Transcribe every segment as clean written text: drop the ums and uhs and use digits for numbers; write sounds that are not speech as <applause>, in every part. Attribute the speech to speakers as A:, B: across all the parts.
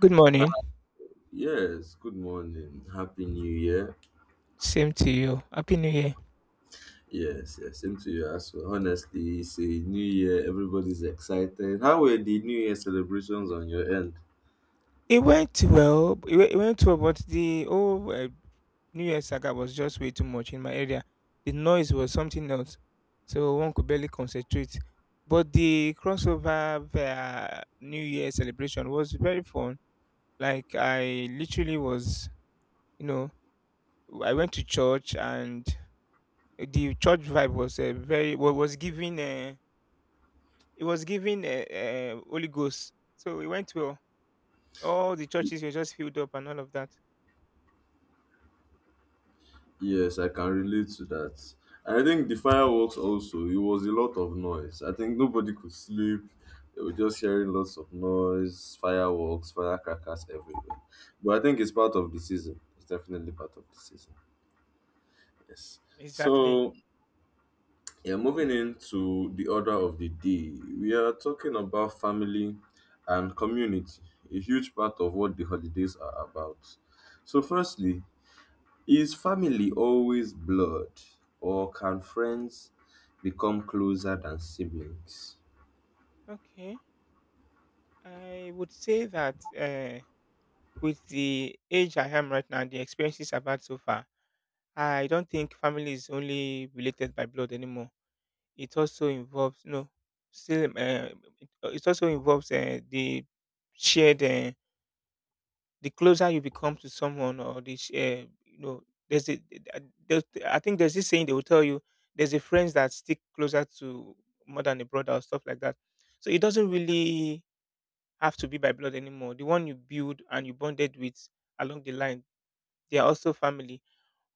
A: Good
B: Hi,
A: morning.
B: yes, good morning. Happy New Year.
A: Same to you. Happy New Year.
B: Yes, yes, same to you as well. Honestly, it's a new year. Everybody's excited. How were the New Year celebrations on your end?
A: It went well. It went well, but the whole New Year saga was just way too much in my area. The noise was something else, so one could barely concentrate. But the crossover New Year celebration was very fun. Like I literally was, you know, I went to church and the church vibe was was giving. It was giving Holy Ghost, so it went well. All the churches were just filled up and all of that.
B: Yes, I can relate to that. I think the fireworks also, it was a lot of noise. I think nobody could sleep. They were just hearing lots of noise, fireworks, firecrackers everywhere. But I think it's part of the season. It's definitely part of the season. Yes.
A: Exactly.
B: So Yeah, moving into the order of the day, we are talking about family and community, a huge part of what the holidays are about. So, firstly, is family always blood, or can friends become closer than siblings?
A: Okay. I would say that with the age I am right now, the experiences I've had so far, I don't think family is only related by blood anymore. It also involves no, still, it also involves the shared the closer you become to someone or this there's a uh, there's, I think there's this saying they will tell you there's a friends that stick closer to more than a brother or stuff like that, so it doesn't really have to be by blood anymore. The one you build and you bonded with along the line, they are also family.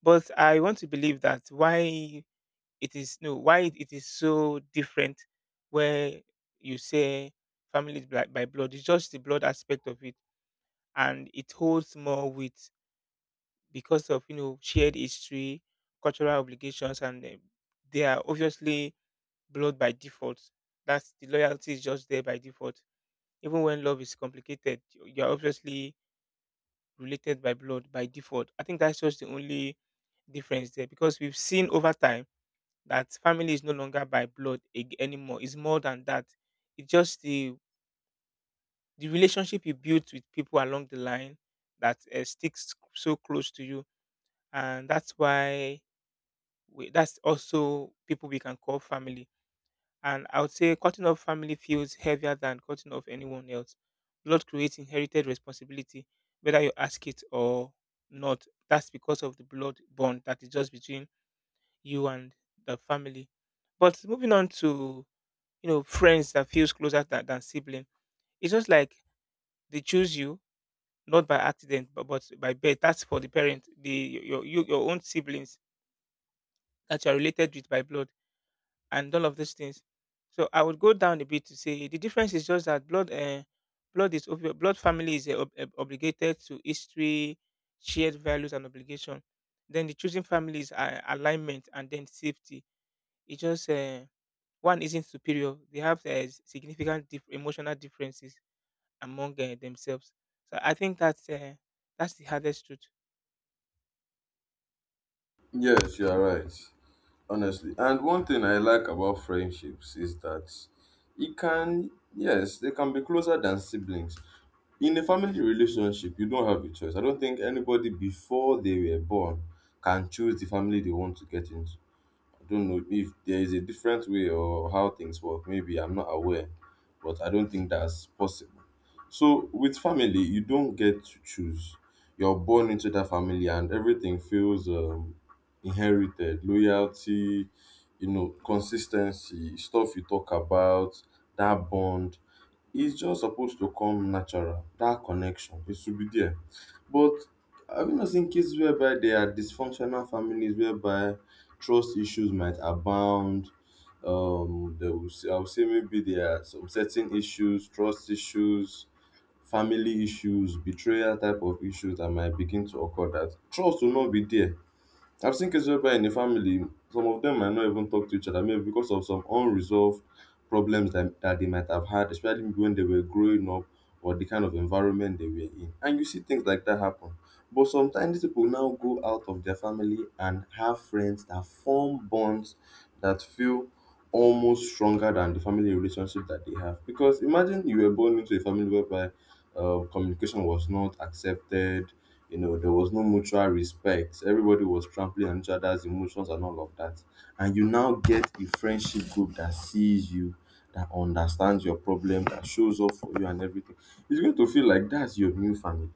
A: But I want to believe that why it is, no, why it is so different where you say family is by blood, it's just the blood aspect of it, and it holds more weight because of, you know, shared history, cultural obligations, and they are obviously blood by default. That's, the loyalty is just there by default. Even when love is complicated, you are obviously related by blood by default. I think that's just the only difference there, because we've seen over time that family is no longer by blood anymore. It's more than that. It's just the relationship you built with people along the line that sticks so close to you, and that's why that's also people we can call family. And I would say cutting off family feels heavier than cutting off anyone else. Blood creates inherited responsibility, whether you ask it or not. That's because of the blood bond that is just between you and the family. But moving on to, you know, friends that feels closer than sibling, it's just like they choose you not by accident but by birth. That's for the parent, the your own siblings that you are related with by blood and all of these things. So I would go down a bit to say the difference is just that blood, blood family is obligated to history, shared values and obligation. Then the choosing families are alignment and then safety. It just one isn't superior. They have significant emotional differences among themselves. So I think that's the hardest truth.
B: Yes, you are right, honestly. And one thing I like about friendships is that it can, yes, they can be closer than siblings. In a family relationship, you don't have a choice. I don't think anybody before they were born can choose the family they want to get into. I don't know if there is a different way or how things work. Maybe I'm not aware, but I don't think that's possible. So with family, you don't get to choose. You're born into that family, and everything feels inherited. Loyalty, consistency, stuff you talk about, that bond. It's just supposed to come natural, that connection. It should be there. But have you not seen cases whereby there are dysfunctional families whereby trust issues might abound? They will say, I would say maybe there are some certain issues, trust issues, family issues, betrayal type of issues that might begin to occur that trust will not be there. I've seen cases whereby in a family, some of them might not even talk to each other, maybe because of some unresolved problems that they might have had, especially when they were growing up or the kind of environment they were in. And you see things like that happen. But sometimes these people now go out of their family and have friends that form bonds that feel almost stronger than the family relationship that they have. Because imagine you were born into a family whereby communication was not accepted. There was no mutual respect. Everybody was trampling on each other's emotions and all of that. And you now get a friendship group that sees you, that understands your problem, that shows up for you and everything. It's going to feel like that's your new family,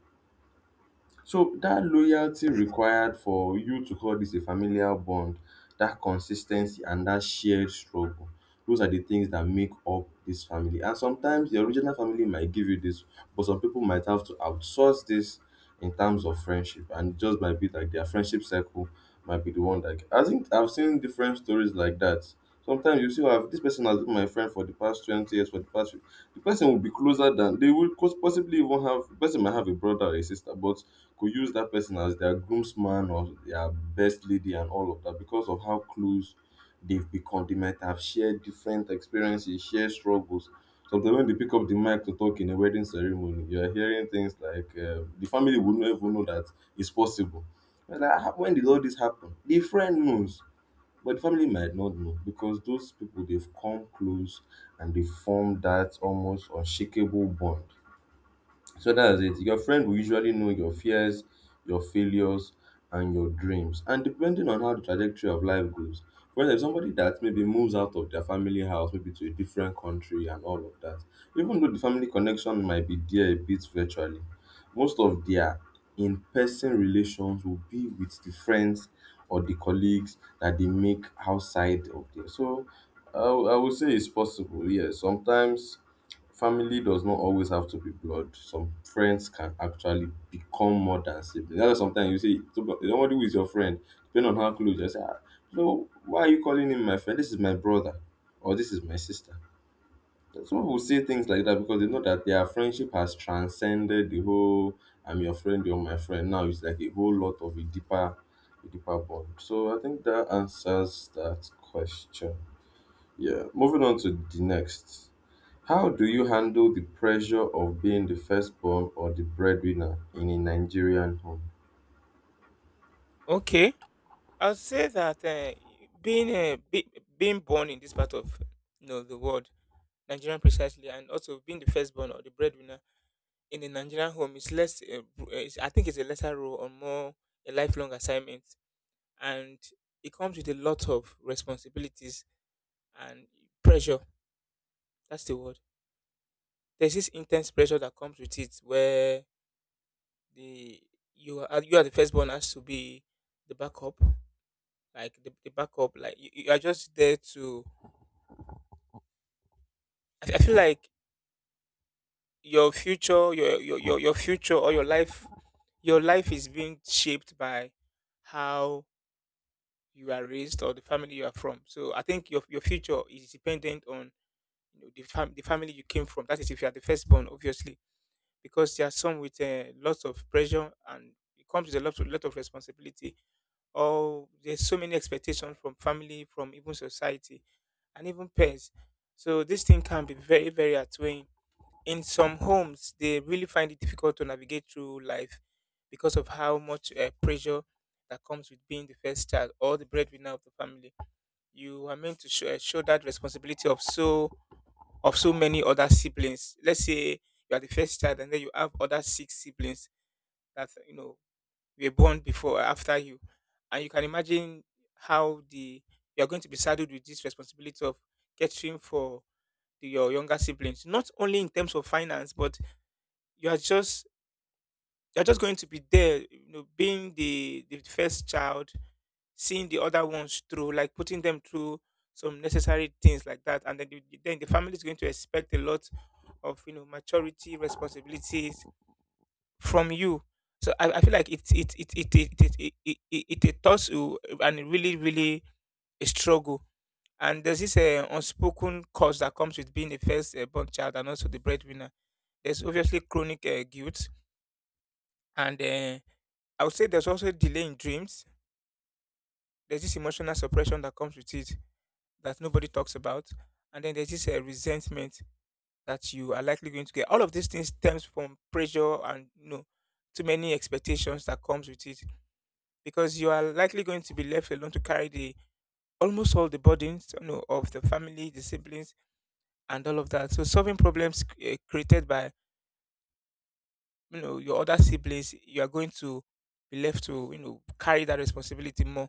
B: so that loyalty required for you to call this a familial bond, that consistency and that shared struggle. Those are the things that make up this family. And sometimes the original family might give you this, but some people might have to outsource this in terms of friendship. And it just might be like their friendship circle might be the one that I think I've seen different stories like that. Sometimes you see, oh, have this person has been my friend for the past 20 years, for the past the person will be closer than they will cause possibly even have the person might have a brother or a sister, but could use that person as their groomsman or their best lady and all of that because of how close they've become. They might have shared different experiences, shared struggles. Sometimes when they pick up the mic to talk in a wedding ceremony, you are hearing things like the family would not even know that it's possible. And like, "Ah, when did all this happen?" The friend knows, but the family might not know because those people they've come close and they form that almost unshakable bond. So that's it. Your friend will usually know your fears, your failures, and your dreams. And depending on how the trajectory of life goes, for example, somebody that maybe moves out of their family house, maybe to a different country and all of that, even though the family connection might be there a bit virtually, most of their in person relations will be with the friends or the colleagues that they make outside of there. So I would say it's possible, yes. Sometimes family does not always have to be blood. Some friends can actually become more than siblings. That's why sometimes you see somebody who is your friend, depending on how close, you say, ah, so why are you calling him my friend? This is my brother, or this is my sister. Some people say things like that because they know that their friendship has transcended the whole "I'm your friend, you're my friend." Now it's like a whole lot of a deeper bond. So I think that answers that question. Yeah, moving on to the next. How do you handle the pressure of being the firstborn or the breadwinner in a Nigerian home?
A: Okay, I'll say that being uh, be, being born in this part of, you know, the world, Nigerian precisely, and also being the firstborn or the breadwinner in a Nigerian home is less. Is, I think it's a lesser role or more a lifelong assignment, and it comes with a lot of responsibilities and pressure. That's the word. There's this intense pressure that comes with it, where the you are the firstborn has to be the backup, like the backup, like you are just there to. I feel like your future or your life is being shaped by how you are raised or the family you are from. So I think your future is dependent on, you know, the, the family you came from. That is, if you are the firstborn obviously, because there are some with lots of pressure, and it comes with a lot of responsibility, or there's so many expectations from family, from even society and even peers. So this thing can be very, very outweighing. In some homes they really find it difficult to navigate through life because of how much pressure that comes with being the first child or the breadwinner of the family. You are meant to show, show that responsibility of so many other siblings. Let's say you are the first child and then you have other six siblings that, you know, were born before or after you, and you can imagine how the you are going to be saddled with this responsibility of catering for your younger siblings not only in terms of finance, but you are just you're just going to be there, you know, being the first child, seeing the other ones through, like putting them through some necessary things like that. And then then the family is going to expect a lot of, you know, maturity, responsibilities from you. So I feel like it thoughts you and it really, really a struggle. And there's this unspoken cost that comes with being the first born child and also the breadwinner. There's obviously chronic guilt and, I would say there's also delay in dreams. There's this emotional suppression that comes with it that nobody talks about. And then there's this resentment that you are likely going to get. All of these things stems from pressure and, you know, too many expectations that comes with it, because you are likely going to be left alone to carry the almost all the burdens, you know, of the family, the siblings, and all of that. So solving problems created by, you know, your other siblings, you are going to be left to, you know, carry that responsibility more.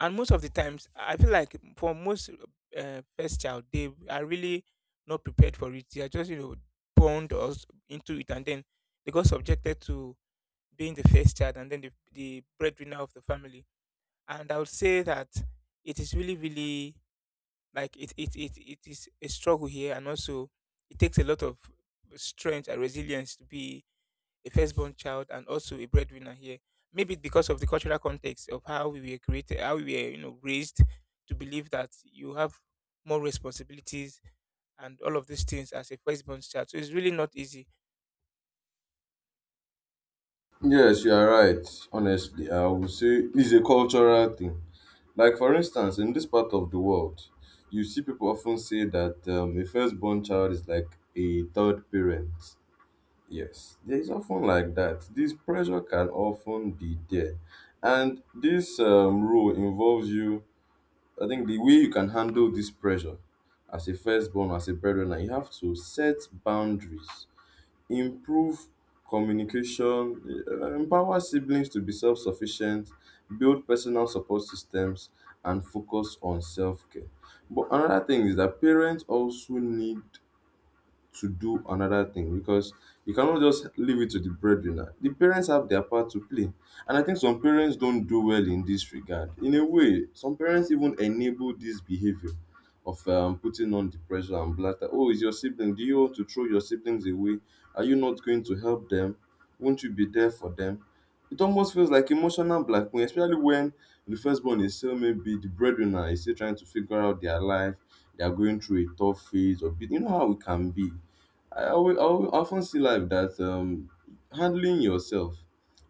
A: And most of the times I feel like for most first child, they are really not prepared for it. They are just, you know, born or into it, and then they got subjected to being the first child and then the breadwinner of the family. And I would say that it is really, really, like it is a struggle here. And also it takes a lot of strength and resilience to be a firstborn child and also a breadwinner here. Maybe because of the cultural context of how we were created, how we were, you know, raised to believe that you have more responsibilities and all of these things as a firstborn child. So it's really not easy.
B: Yes, you are right. Honestly, I would say it's a cultural thing. Like, for instance, in this part of the world, you see people often say that a firstborn child is like a third parent. Yes, there is often like that. This pressure can often be there. And this rule involves you. I think the way you can handle this pressure as a firstborn, as a breadwinner, you have to set boundaries, improve communication, empower siblings to be self sufficient, build personal support systems, and focus on self care. But another thing is that parents also need to do another thing because you cannot just leave it to the breadwinner. The parents have their part to play. And I think some parents don't do well in this regard. In a way, some parents even enable this behavior of putting on the pressure and blatter. Oh, is your sibling? Do you want to throw your siblings away? Are you not going to help them? Won't you be there for them? It almost feels like emotional blackmail, especially when the firstborn is still, maybe the breadwinner is still trying to figure out their life. They are going through a tough phase, or you know how it can be. I always often see life that handling yourself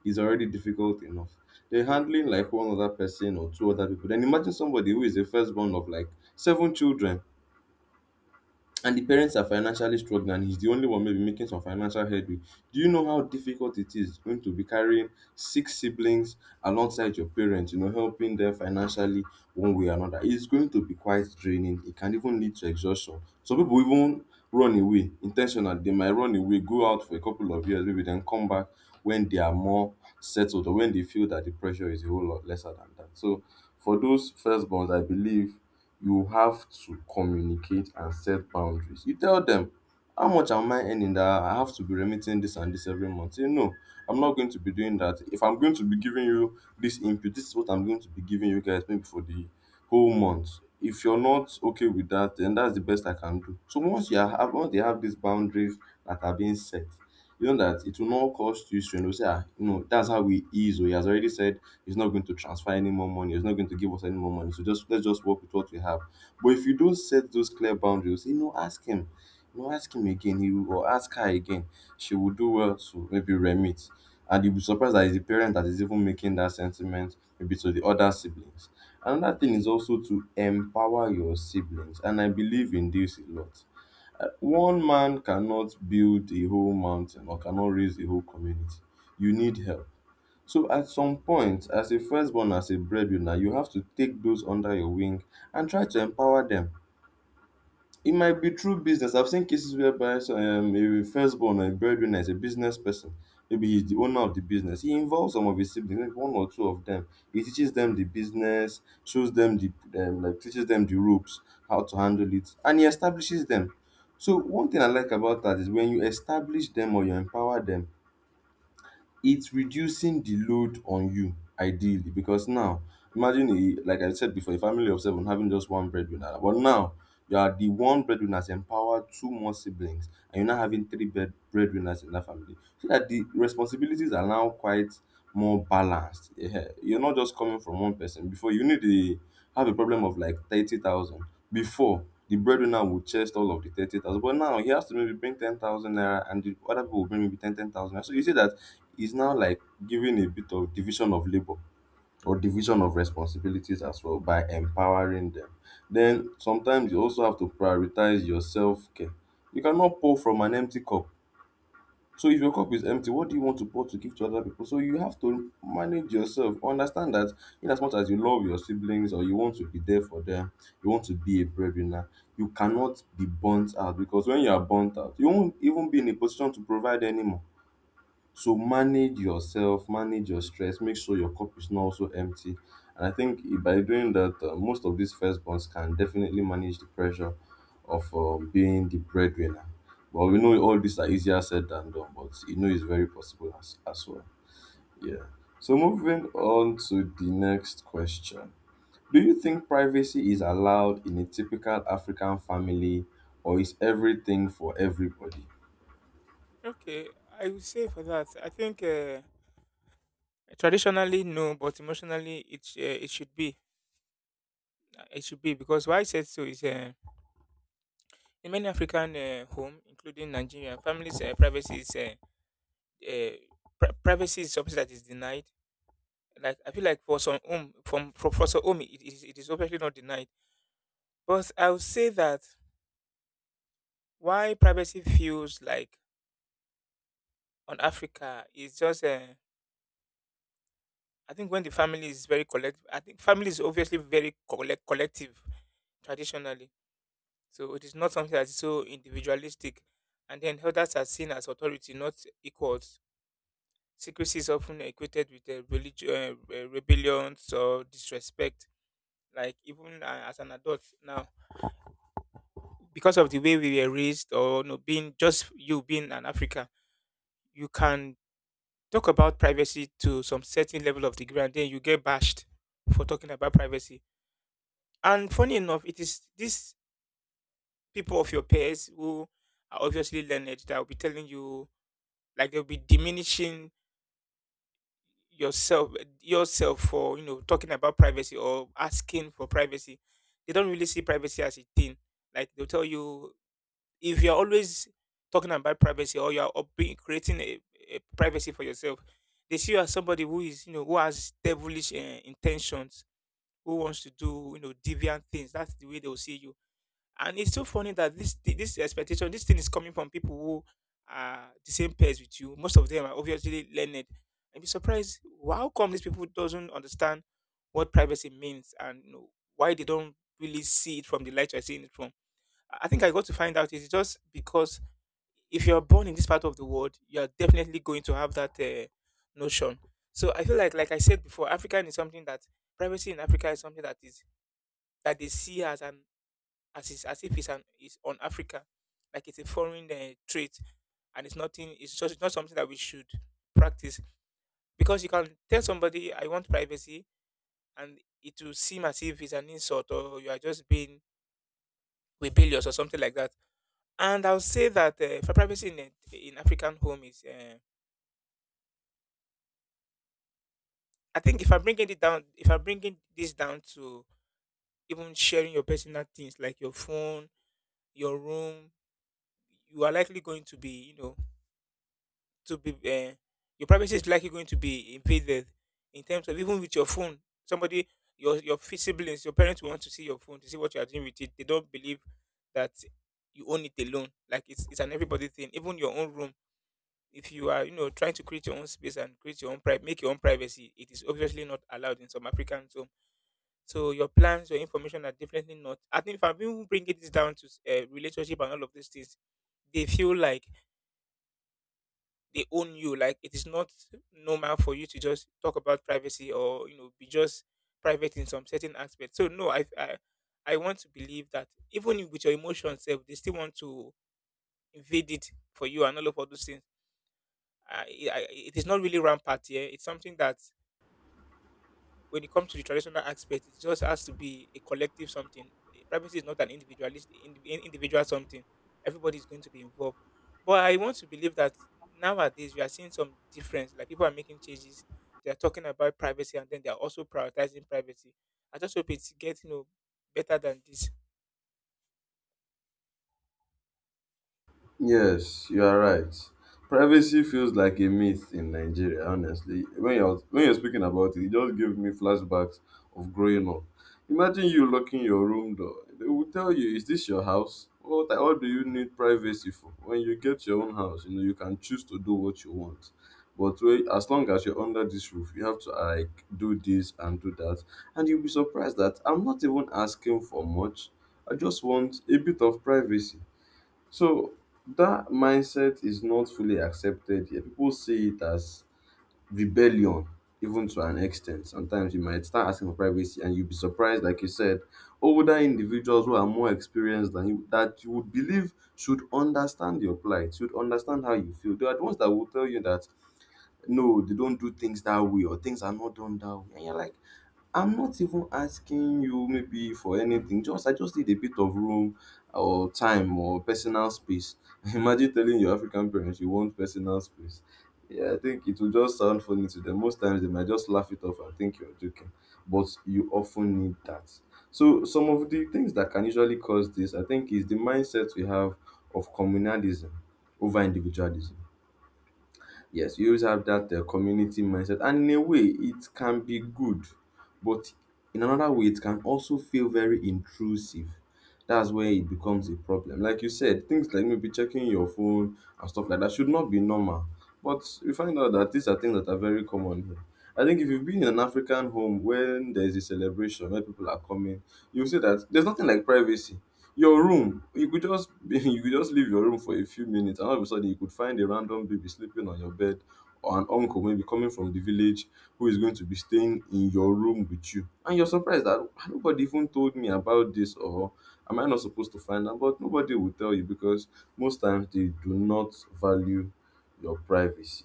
B: is already difficult enough. They're handling like one other person or two other people. Then imagine somebody who is the firstborn of like seven children and the parents are financially struggling and he's the only one maybe making some financial headway, do you know how difficult it is going to be carrying six siblings alongside your parents, you know, helping them financially one way or another? It's going to be quite draining. It can even lead to exhaustion. Some people even run away intentionally. They might run away, go out for a couple of years, maybe then come back when they are more settled or when they feel that the pressure is a whole lot lesser than that. So for those firstborns, I believe you have to communicate and set boundaries. You tell them, how much am I earning that I have to be remitting this and this every month? Say, no, I'm not going to be doing that. If I'm going to be giving you this input, this is what I'm going to be giving you guys maybe for the whole month. If you're not okay with that, then that's the best I can do. So once they have these boundaries that are being set, you know that it will not cause you strain. They'll say, ah, no, that's how we is. Or he has already said he's not going to transfer any more money. He's not going to give us any more money. So just let's just work with what we have. But if you don't set those clear boundaries, you know, ask him. You know, ask him again. He will, or ask her again. She will do well to maybe remit. And you'll be surprised that it's the parent that is even making that sentiment maybe to the other siblings. Another thing is also to empower your siblings, and I believe in this a lot. One man cannot build a whole mountain or cannot raise a whole community. You need help, so at some point, as a firstborn, as a breadwinner, you have to take those under your wing and try to empower them. It might be through business. I've seen cases whereby so, a firstborn or a breadwinner is a business person. Maybe he's the owner of the business. He involves some of his siblings, maybe one or two of them. He teaches them the business, shows them the like teaches them the ropes, how to handle it, and he establishes them. So one thing I like about that is when you establish them or you empower them, it's reducing the load on you ideally, because now imagine, a like I said before, a family of seven having just one breadwinner. But now, you are, the one breadwinner has empowered two more siblings, and you're now having three bed breadwinners in that family, so that the responsibilities are now quite more balanced, yeah. You're not just coming from one person. Before, you need to have a problem of like 30,000 before the breadwinner would chest all of the 30,000, but now he has to maybe bring 10,000 naira and the other people will bring maybe ten thousand. So you see, that is now like giving a bit of division of labor or division of responsibilities as well by empowering them. Then sometimes you also have to prioritize your self care. You cannot pour from an empty cup. So if your cup is empty, what do you want to pour to give to other people? So you have to manage yourself. Understand that in as much as you love your siblings or you want to be there for them, you want to be a breadwinner, you cannot be burnt out, because when you are burnt out, you won't even be in a position to provide anymore. So manage yourself, manage your stress, make sure your cup is not also empty. And I think by doing that, most of these firstborns can definitely manage the pressure of being the breadwinner. But we know all these are easier said than done, but you know it's very possible as well. Yeah. So moving on to the next question. Do you think privacy is allowed in a typical African family, or is everything for everybody?
A: Okay, I would say for that, I think traditionally no, but emotionally it should be. It should be, because why I said so is, in many African home, including Nigeria, families' uh, privacy is something that is denied. Like I feel like for some home, from for some home, it is, it is obviously not denied. But I would say that why privacy feels like on Africa is just, I think when the family is very collective, I think family is obviously very collective traditionally. So it is not something that is so individualistic. And then elders are seen as authority, not equals. Secrecy is often equated with religion, rebellions or disrespect. Like even, as an adult now, because of the way we were raised, or, you know, being just you being an African, you can talk about privacy to some certain level of degree, and then you get bashed for talking about privacy. And funny enough, it is these people of your peers who are obviously learned that will be telling you, like they'll be diminishing yourself yourself for, you know, talking about privacy or asking for privacy. They don't really see privacy as a thing. Like they'll tell you if you're always talking about privacy, or you're creating a privacy for yourself, they see you as somebody who is, you know, who has devilish intentions, who wants to do, you know, deviant things. That's the way they'll see you. And it's so funny that this expectation, this thing is coming from people who are the same pairs with you. Most of them are obviously learned. And be surprised how come these people doesn't understand what privacy means, and, you know, why they don't really see it from the light you're seeing it from. I think I got to find out is just because if you're born in this part of the world, you are definitely going to have that notion. So I feel like I said before, African is something that privacy in Africa is something that is that they see as an as is, as if it's an is on Africa, like it's a foreign trait, and it's nothing. It's just it's not something that we should practice because you can tell somebody I want privacy, and it will seem as if it's an insult or you are just being rebellious or something like that. And I'll say that for privacy in African home is. I think if I'm bringing it down, if I'm bringing this down to even sharing your personal things like your phone, your room, you are likely going to be, to be, your privacy is likely going to be invaded in terms of even with your phone. Somebody, your siblings, your parents will want to see your phone to see what you are doing with it. They don't believe that you own it alone. Like it's an everybody thing. Even your own room, if you are, trying to create your own space and create your own private, make your own privacy, it is obviously not allowed in some African homes. So your plans, your information are definitely not. I think if I'm even bringing this down to relationship and all of these things, they feel like they own you. Like it is not normal for you to just talk about privacy or be just private in some certain aspects. So no, I want to believe that even if with your emotions, they still want to invade it for you and all of all those things. I, it is not really rampant here. It's something that when it comes to the traditional aspect, it just has to be a collective something. Privacy is not an individual something. Everybody is going to be involved. But I want to believe that nowadays we are seeing some difference. Like people are making changes. They are talking about privacy, and then they are also prioritizing privacy. I just hope it's getting better than this.
B: Yes, you are right. Privacy feels like a myth in Nigeria, honestly. When you're speaking about it, it just gave me flashbacks of growing up. Imagine you locking your room door. They will tell you, "Is this your house? What do you need privacy for? When you get your own house, you know you can choose to do what you want. But, when, as long as you're under this roof, you have to like do this and do that," and you'll be surprised that I'm not even asking for much. I just want a bit of privacy, so that mindset is not fully accepted here. People see it as rebellion, even to an extent. Sometimes you might start asking for privacy, and you'll be surprised, like you said, older individuals who are more experienced than you, that you would believe should understand your plight, should understand how you feel. They are the ones that will tell you that no, they don't do things that way, or things are not done that way. And you're like, I'm not even asking you maybe for anything. Just, I just need a bit of room or time or personal space. <laughs> Imagine telling your African parents you want personal space. Yeah, I think it will just sound funny to them. Most times they might just laugh it off and think you're joking. But you often need that. So some of the things that can usually cause this, I think, is the mindset we have of communalism over individualism. Yes, you always have that community mindset, and in a way, it can be good, but in another way, it can also feel very intrusive. That's where it becomes a problem. Like you said, things like maybe checking your phone and stuff like that should not be normal. But we find out that these are things that are very common here. I think if you've been in an African home when there's a celebration, where people are coming, you'll see that there's nothing like privacy. Your room, you could just <laughs> you could just leave your room for a few minutes, and all of a sudden you could find a random baby sleeping on your bed, or an uncle maybe coming from the village who is going to be staying in your room with you, and you're surprised that, "Ah, nobody even told me about this, or am I not supposed to find out?" But nobody will tell you because most times they do not value your privacy.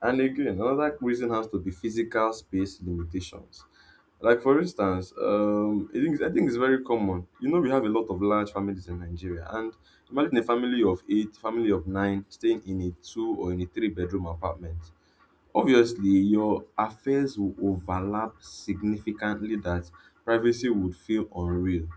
B: And again, another reason has to be physical space limitations. Like, for instance, I think it's very common. You know, we have a lot of large families in Nigeria, and imagine a family of eight, family of nine, staying in a two or in a three-bedroom apartment. Obviously, your affairs will overlap significantly, that privacy would feel unreal.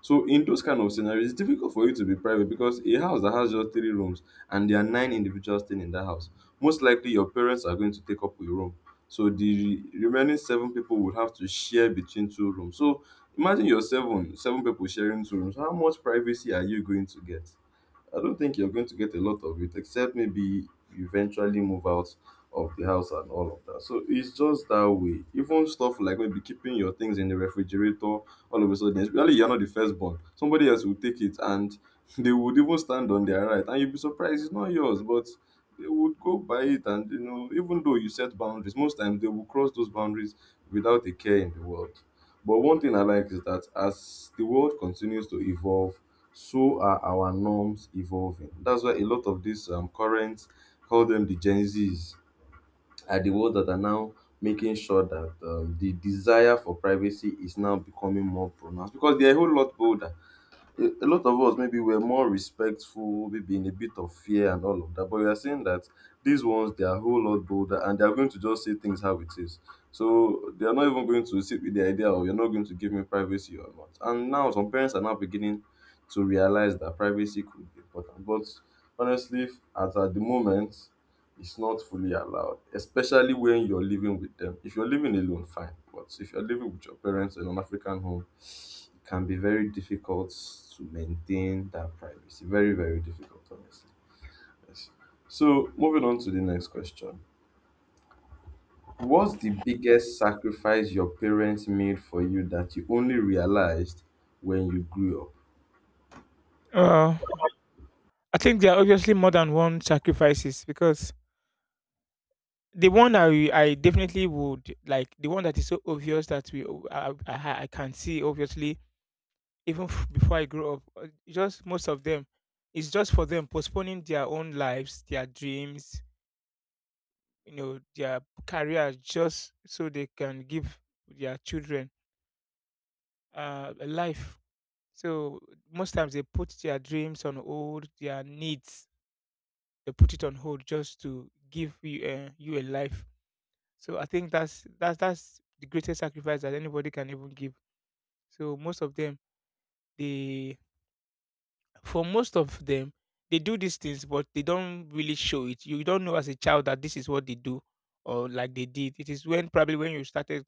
B: So in those kind of scenarios, it's difficult for you to be private, because a house that has just three rooms and there are nine individuals staying in that house, most likely your parents are going to take up a room. So the remaining seven people would have to share between two rooms. So imagine you're seven, seven people sharing two rooms. How much privacy are you going to get? I don't think you're going to get a lot of it, except maybe you eventually move out of the house and all of that. So it's just that way. Even stuff like maybe keeping your things in the refrigerator, all of a sudden, especially you're not the firstborn, somebody else will take it, and <laughs> they would even stand on their right. And you'd be surprised, it's not yours, but they would go by it. And, you know, even though you set boundaries, most times they will cross those boundaries without a care in the world. But one thing I like is that as the world continues to evolve, so are our norms evolving. That's why a lot of these current, call them the Gen Zs, are the ones that are now making sure that the desire for privacy is now becoming more pronounced, because they're a whole lot bolder. A lot of us maybe were more respectful, maybe in a bit of fear and all of that. But we are seeing that these ones, they are a whole lot bolder, and they are going to just say things how it is. So they are not even going to sit with the idea of, you're not going to give me privacy or not. And now some parents are now beginning to realize that privacy could be important. But honestly, as at the moment, it's not fully allowed, especially when you're living with them. If you're living alone, fine. But if you're living with your parents in an African home, can be very difficult to maintain that privacy. Very, very difficult, honestly. Yes. So, moving on to the next question. What's the biggest sacrifice your parents made for you that you only realized when you grew up?
A: Uh, I think there are obviously more than one sacrifices because the one I definitely would like the one that is so obvious that we I can see obviously even before I grew up, just most of them, it's just for them postponing their own lives, their dreams, their careers, just so they can give their children a life. So most times they put their dreams on hold, their needs, they put it on hold just to give you, you a life. So I think that's the greatest sacrifice that anybody can even give. So they most of them, they do these things, but they don't really show it. You don't know as a child that this is what they do or like they did. It is when you started,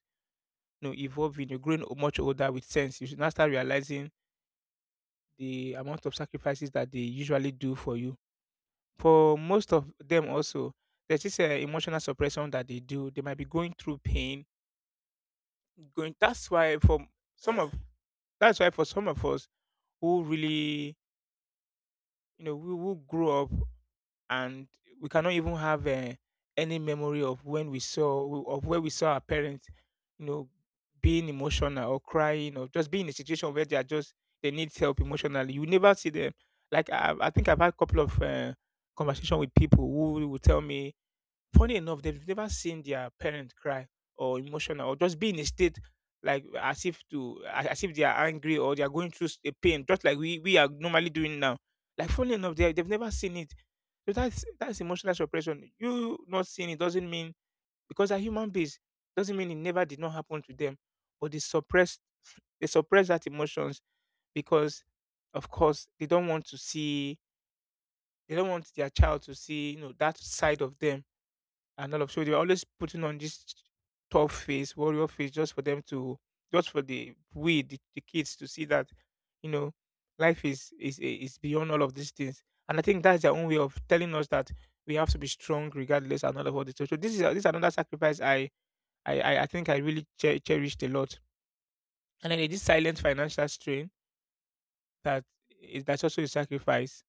A: evolving, you're growing much older with sense. You should now start realizing the amount of sacrifices that they usually do for you. For most of them, also, there's this emotional suppression that they do. They might be going through pain. Going. Some of that's why for some of us who really you know we who grew up and we cannot even have any memory of when we saw of where we saw our parents you know being emotional or crying or just being in a situation where they are just they need help emotionally, you never see them. Like I think I've had a couple of conversation with people who will tell me, funny enough, they've never seen their parent cry or emotional or just be in a state like as if they are angry or they are going through a pain, just like we are normally doing now. Like funny enough, they've never seen it. So that's emotional suppression. You not seeing it doesn't mean, because they're human beings, doesn't mean it never did not happen to them, but they suppress that emotions because of course they don't want their child to see that side of them and all of, so they were always putting on this tough face, warrior face, just for them to, just for the kids to see that, you know, life is beyond all of these things. And I think that's their own way of telling us that we have to be strong regardless and all of all this. So this is another sacrifice I think I really cherished a lot. And then there's this silent financial strain that that's also a sacrifice.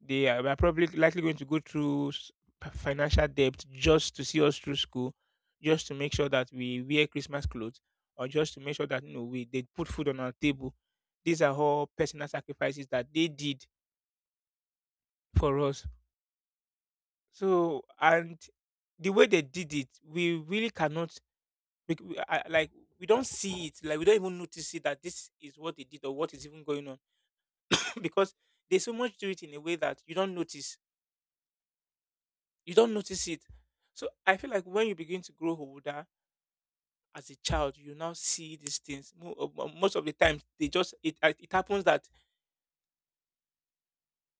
A: They are we are probably likely going to go through financial debt just to see us through school, just to make sure that we wear Christmas clothes, or just to make sure that you know we they put food on our table. These are all personal sacrifices that they did for us. So and the way they did it, we really cannot, we, we, I, like we don't see it, like we don't even notice it that this is what they did or what is even going on <coughs> because they so much do it in a way that you don't notice it. So I feel like when you begin to grow older as a child, you now see these things. Most of the time, they just it it happens that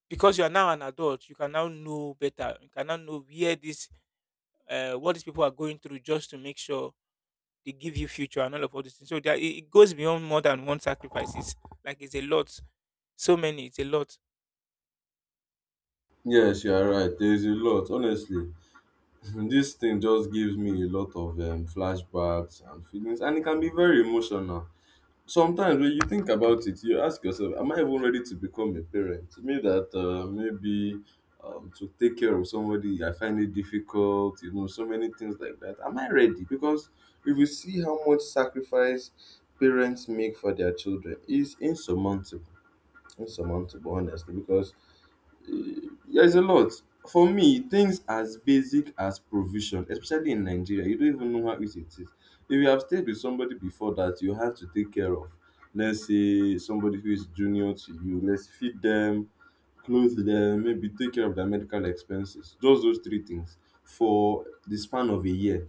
A: because you are now an adult, you can now know better. You can now know where this what these people are going through just to make sure they give you future and all of all these things. So there, it goes beyond more than one sacrifice. It's like it's a lot. So many. It's a lot.
B: Yes, you are right. There's a lot, honestly. <laughs> This thing just gives me a lot of flashbacks and feelings, and it can be very emotional. Sometimes when you think about it, you ask yourself, "Am I even ready to become a parent?" Me that maybe to take care of somebody, I find it difficult. You know, so many things like that. Am I ready? Because if you see how much sacrifice parents make for their children, it's insurmountable. Insurmountable, honestly, because there's a lot. For me, things as basic as provision, especially in Nigeria, you don't even know how easy it is. If you have stayed with somebody before, that you have to take care of, let's say, somebody who is junior to you, let's feed them, clothe them, maybe take care of their medical expenses. Just those three things for the span of a year.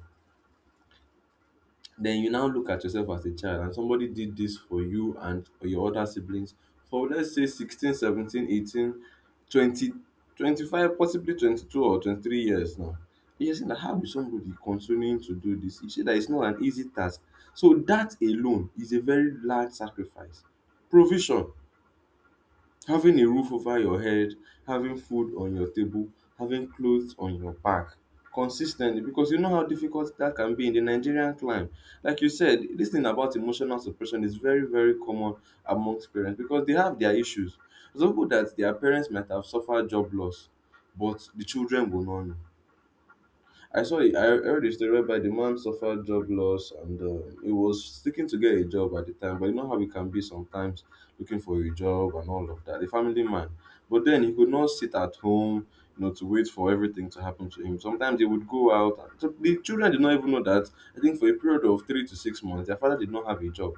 B: Then you now look at yourself as a child and somebody did this for you and your other siblings for, let's say, 16, 17, 18, 20, 25, possibly 22 or 23 years now. You're saying that, how is somebody continuing to do this? You say that it's not an easy task. So that alone is a very large sacrifice. Provision. Having a roof over your head, having food on your table, having clothes on your back consistently, because you know how difficult that can be in the Nigerian climate. Like you said, this thing about emotional suppression is very, very common amongst parents, because they have their issues. There's people that their parents might have suffered job loss, but the children will not know. I heard a story whereby the man suffered job loss, and he was seeking to get a job at the time, but you know how it can be sometimes, looking for a job and all of that, a family man. But then he could not sit at home, you know, to wait for everything to happen to him. Sometimes they would go out. And so the children did not even know that. I think for a period of 3 to 6 months, their father did not have a job.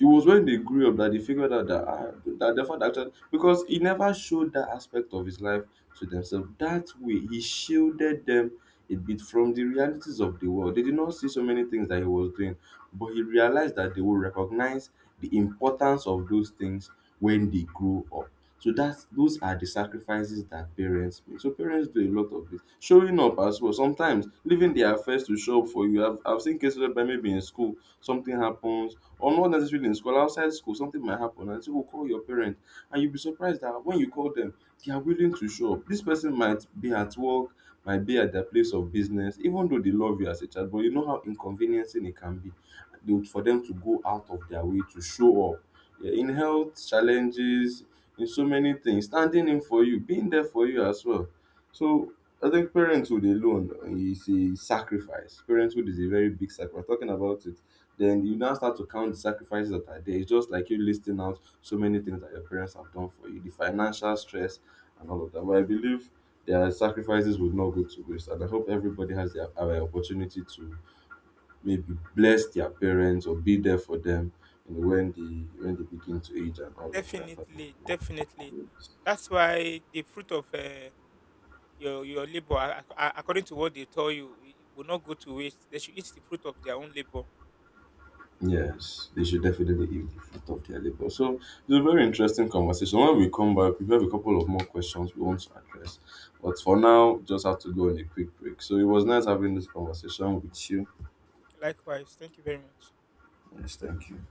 B: It was when they grew up that they figured out that, ah, that their father actually, because he never showed that aspect of his life to themselves. That way, he shielded them a bit from the realities of the world. They did not see so many things that he was doing, but he realized that they would recognize the importance of those things when they grow up. So that's, those are the sacrifices that parents make. So parents do a lot of this. Showing up as well. Sometimes leaving their affairs to show up for you. I've seen cases where maybe in school something happens, or not necessarily in school, outside school, something might happen and say, oh, call your parent, and you'll be surprised that when you call them, they are willing to show up. This person might be at work, might be at their place of business, even though they love you as a child, but you know how inconveniencing it can be, for them to go out of their way to show up. Yeah, in health challenges, in so many things, standing in for you, being there for you as well. So I think parenthood alone is a sacrifice. Parenthood is a very big sacrifice. Talking about it, then you now start to count the sacrifices that are there. It's just like you listing out so many things that your parents have done for you, the financial stress and all of that. But I believe their sacrifices would not go to waste. And I hope everybody has their opportunity to maybe bless their parents or be there for them, you know, when they begin to age and all of that.
A: Definitely, definitely. That's why the fruit of your labor, according to what they tell you, it will not go to waste. They should eat the fruit of their own labor.
B: Yes, they should definitely eat the fruit of their labor. So it's a very interesting conversation. When we come back, we have a couple of more questions we want to address. But for now, just have to go on a quick break. So it was nice having this conversation with you.
A: Likewise, thank you very much.
B: Yes, thank you.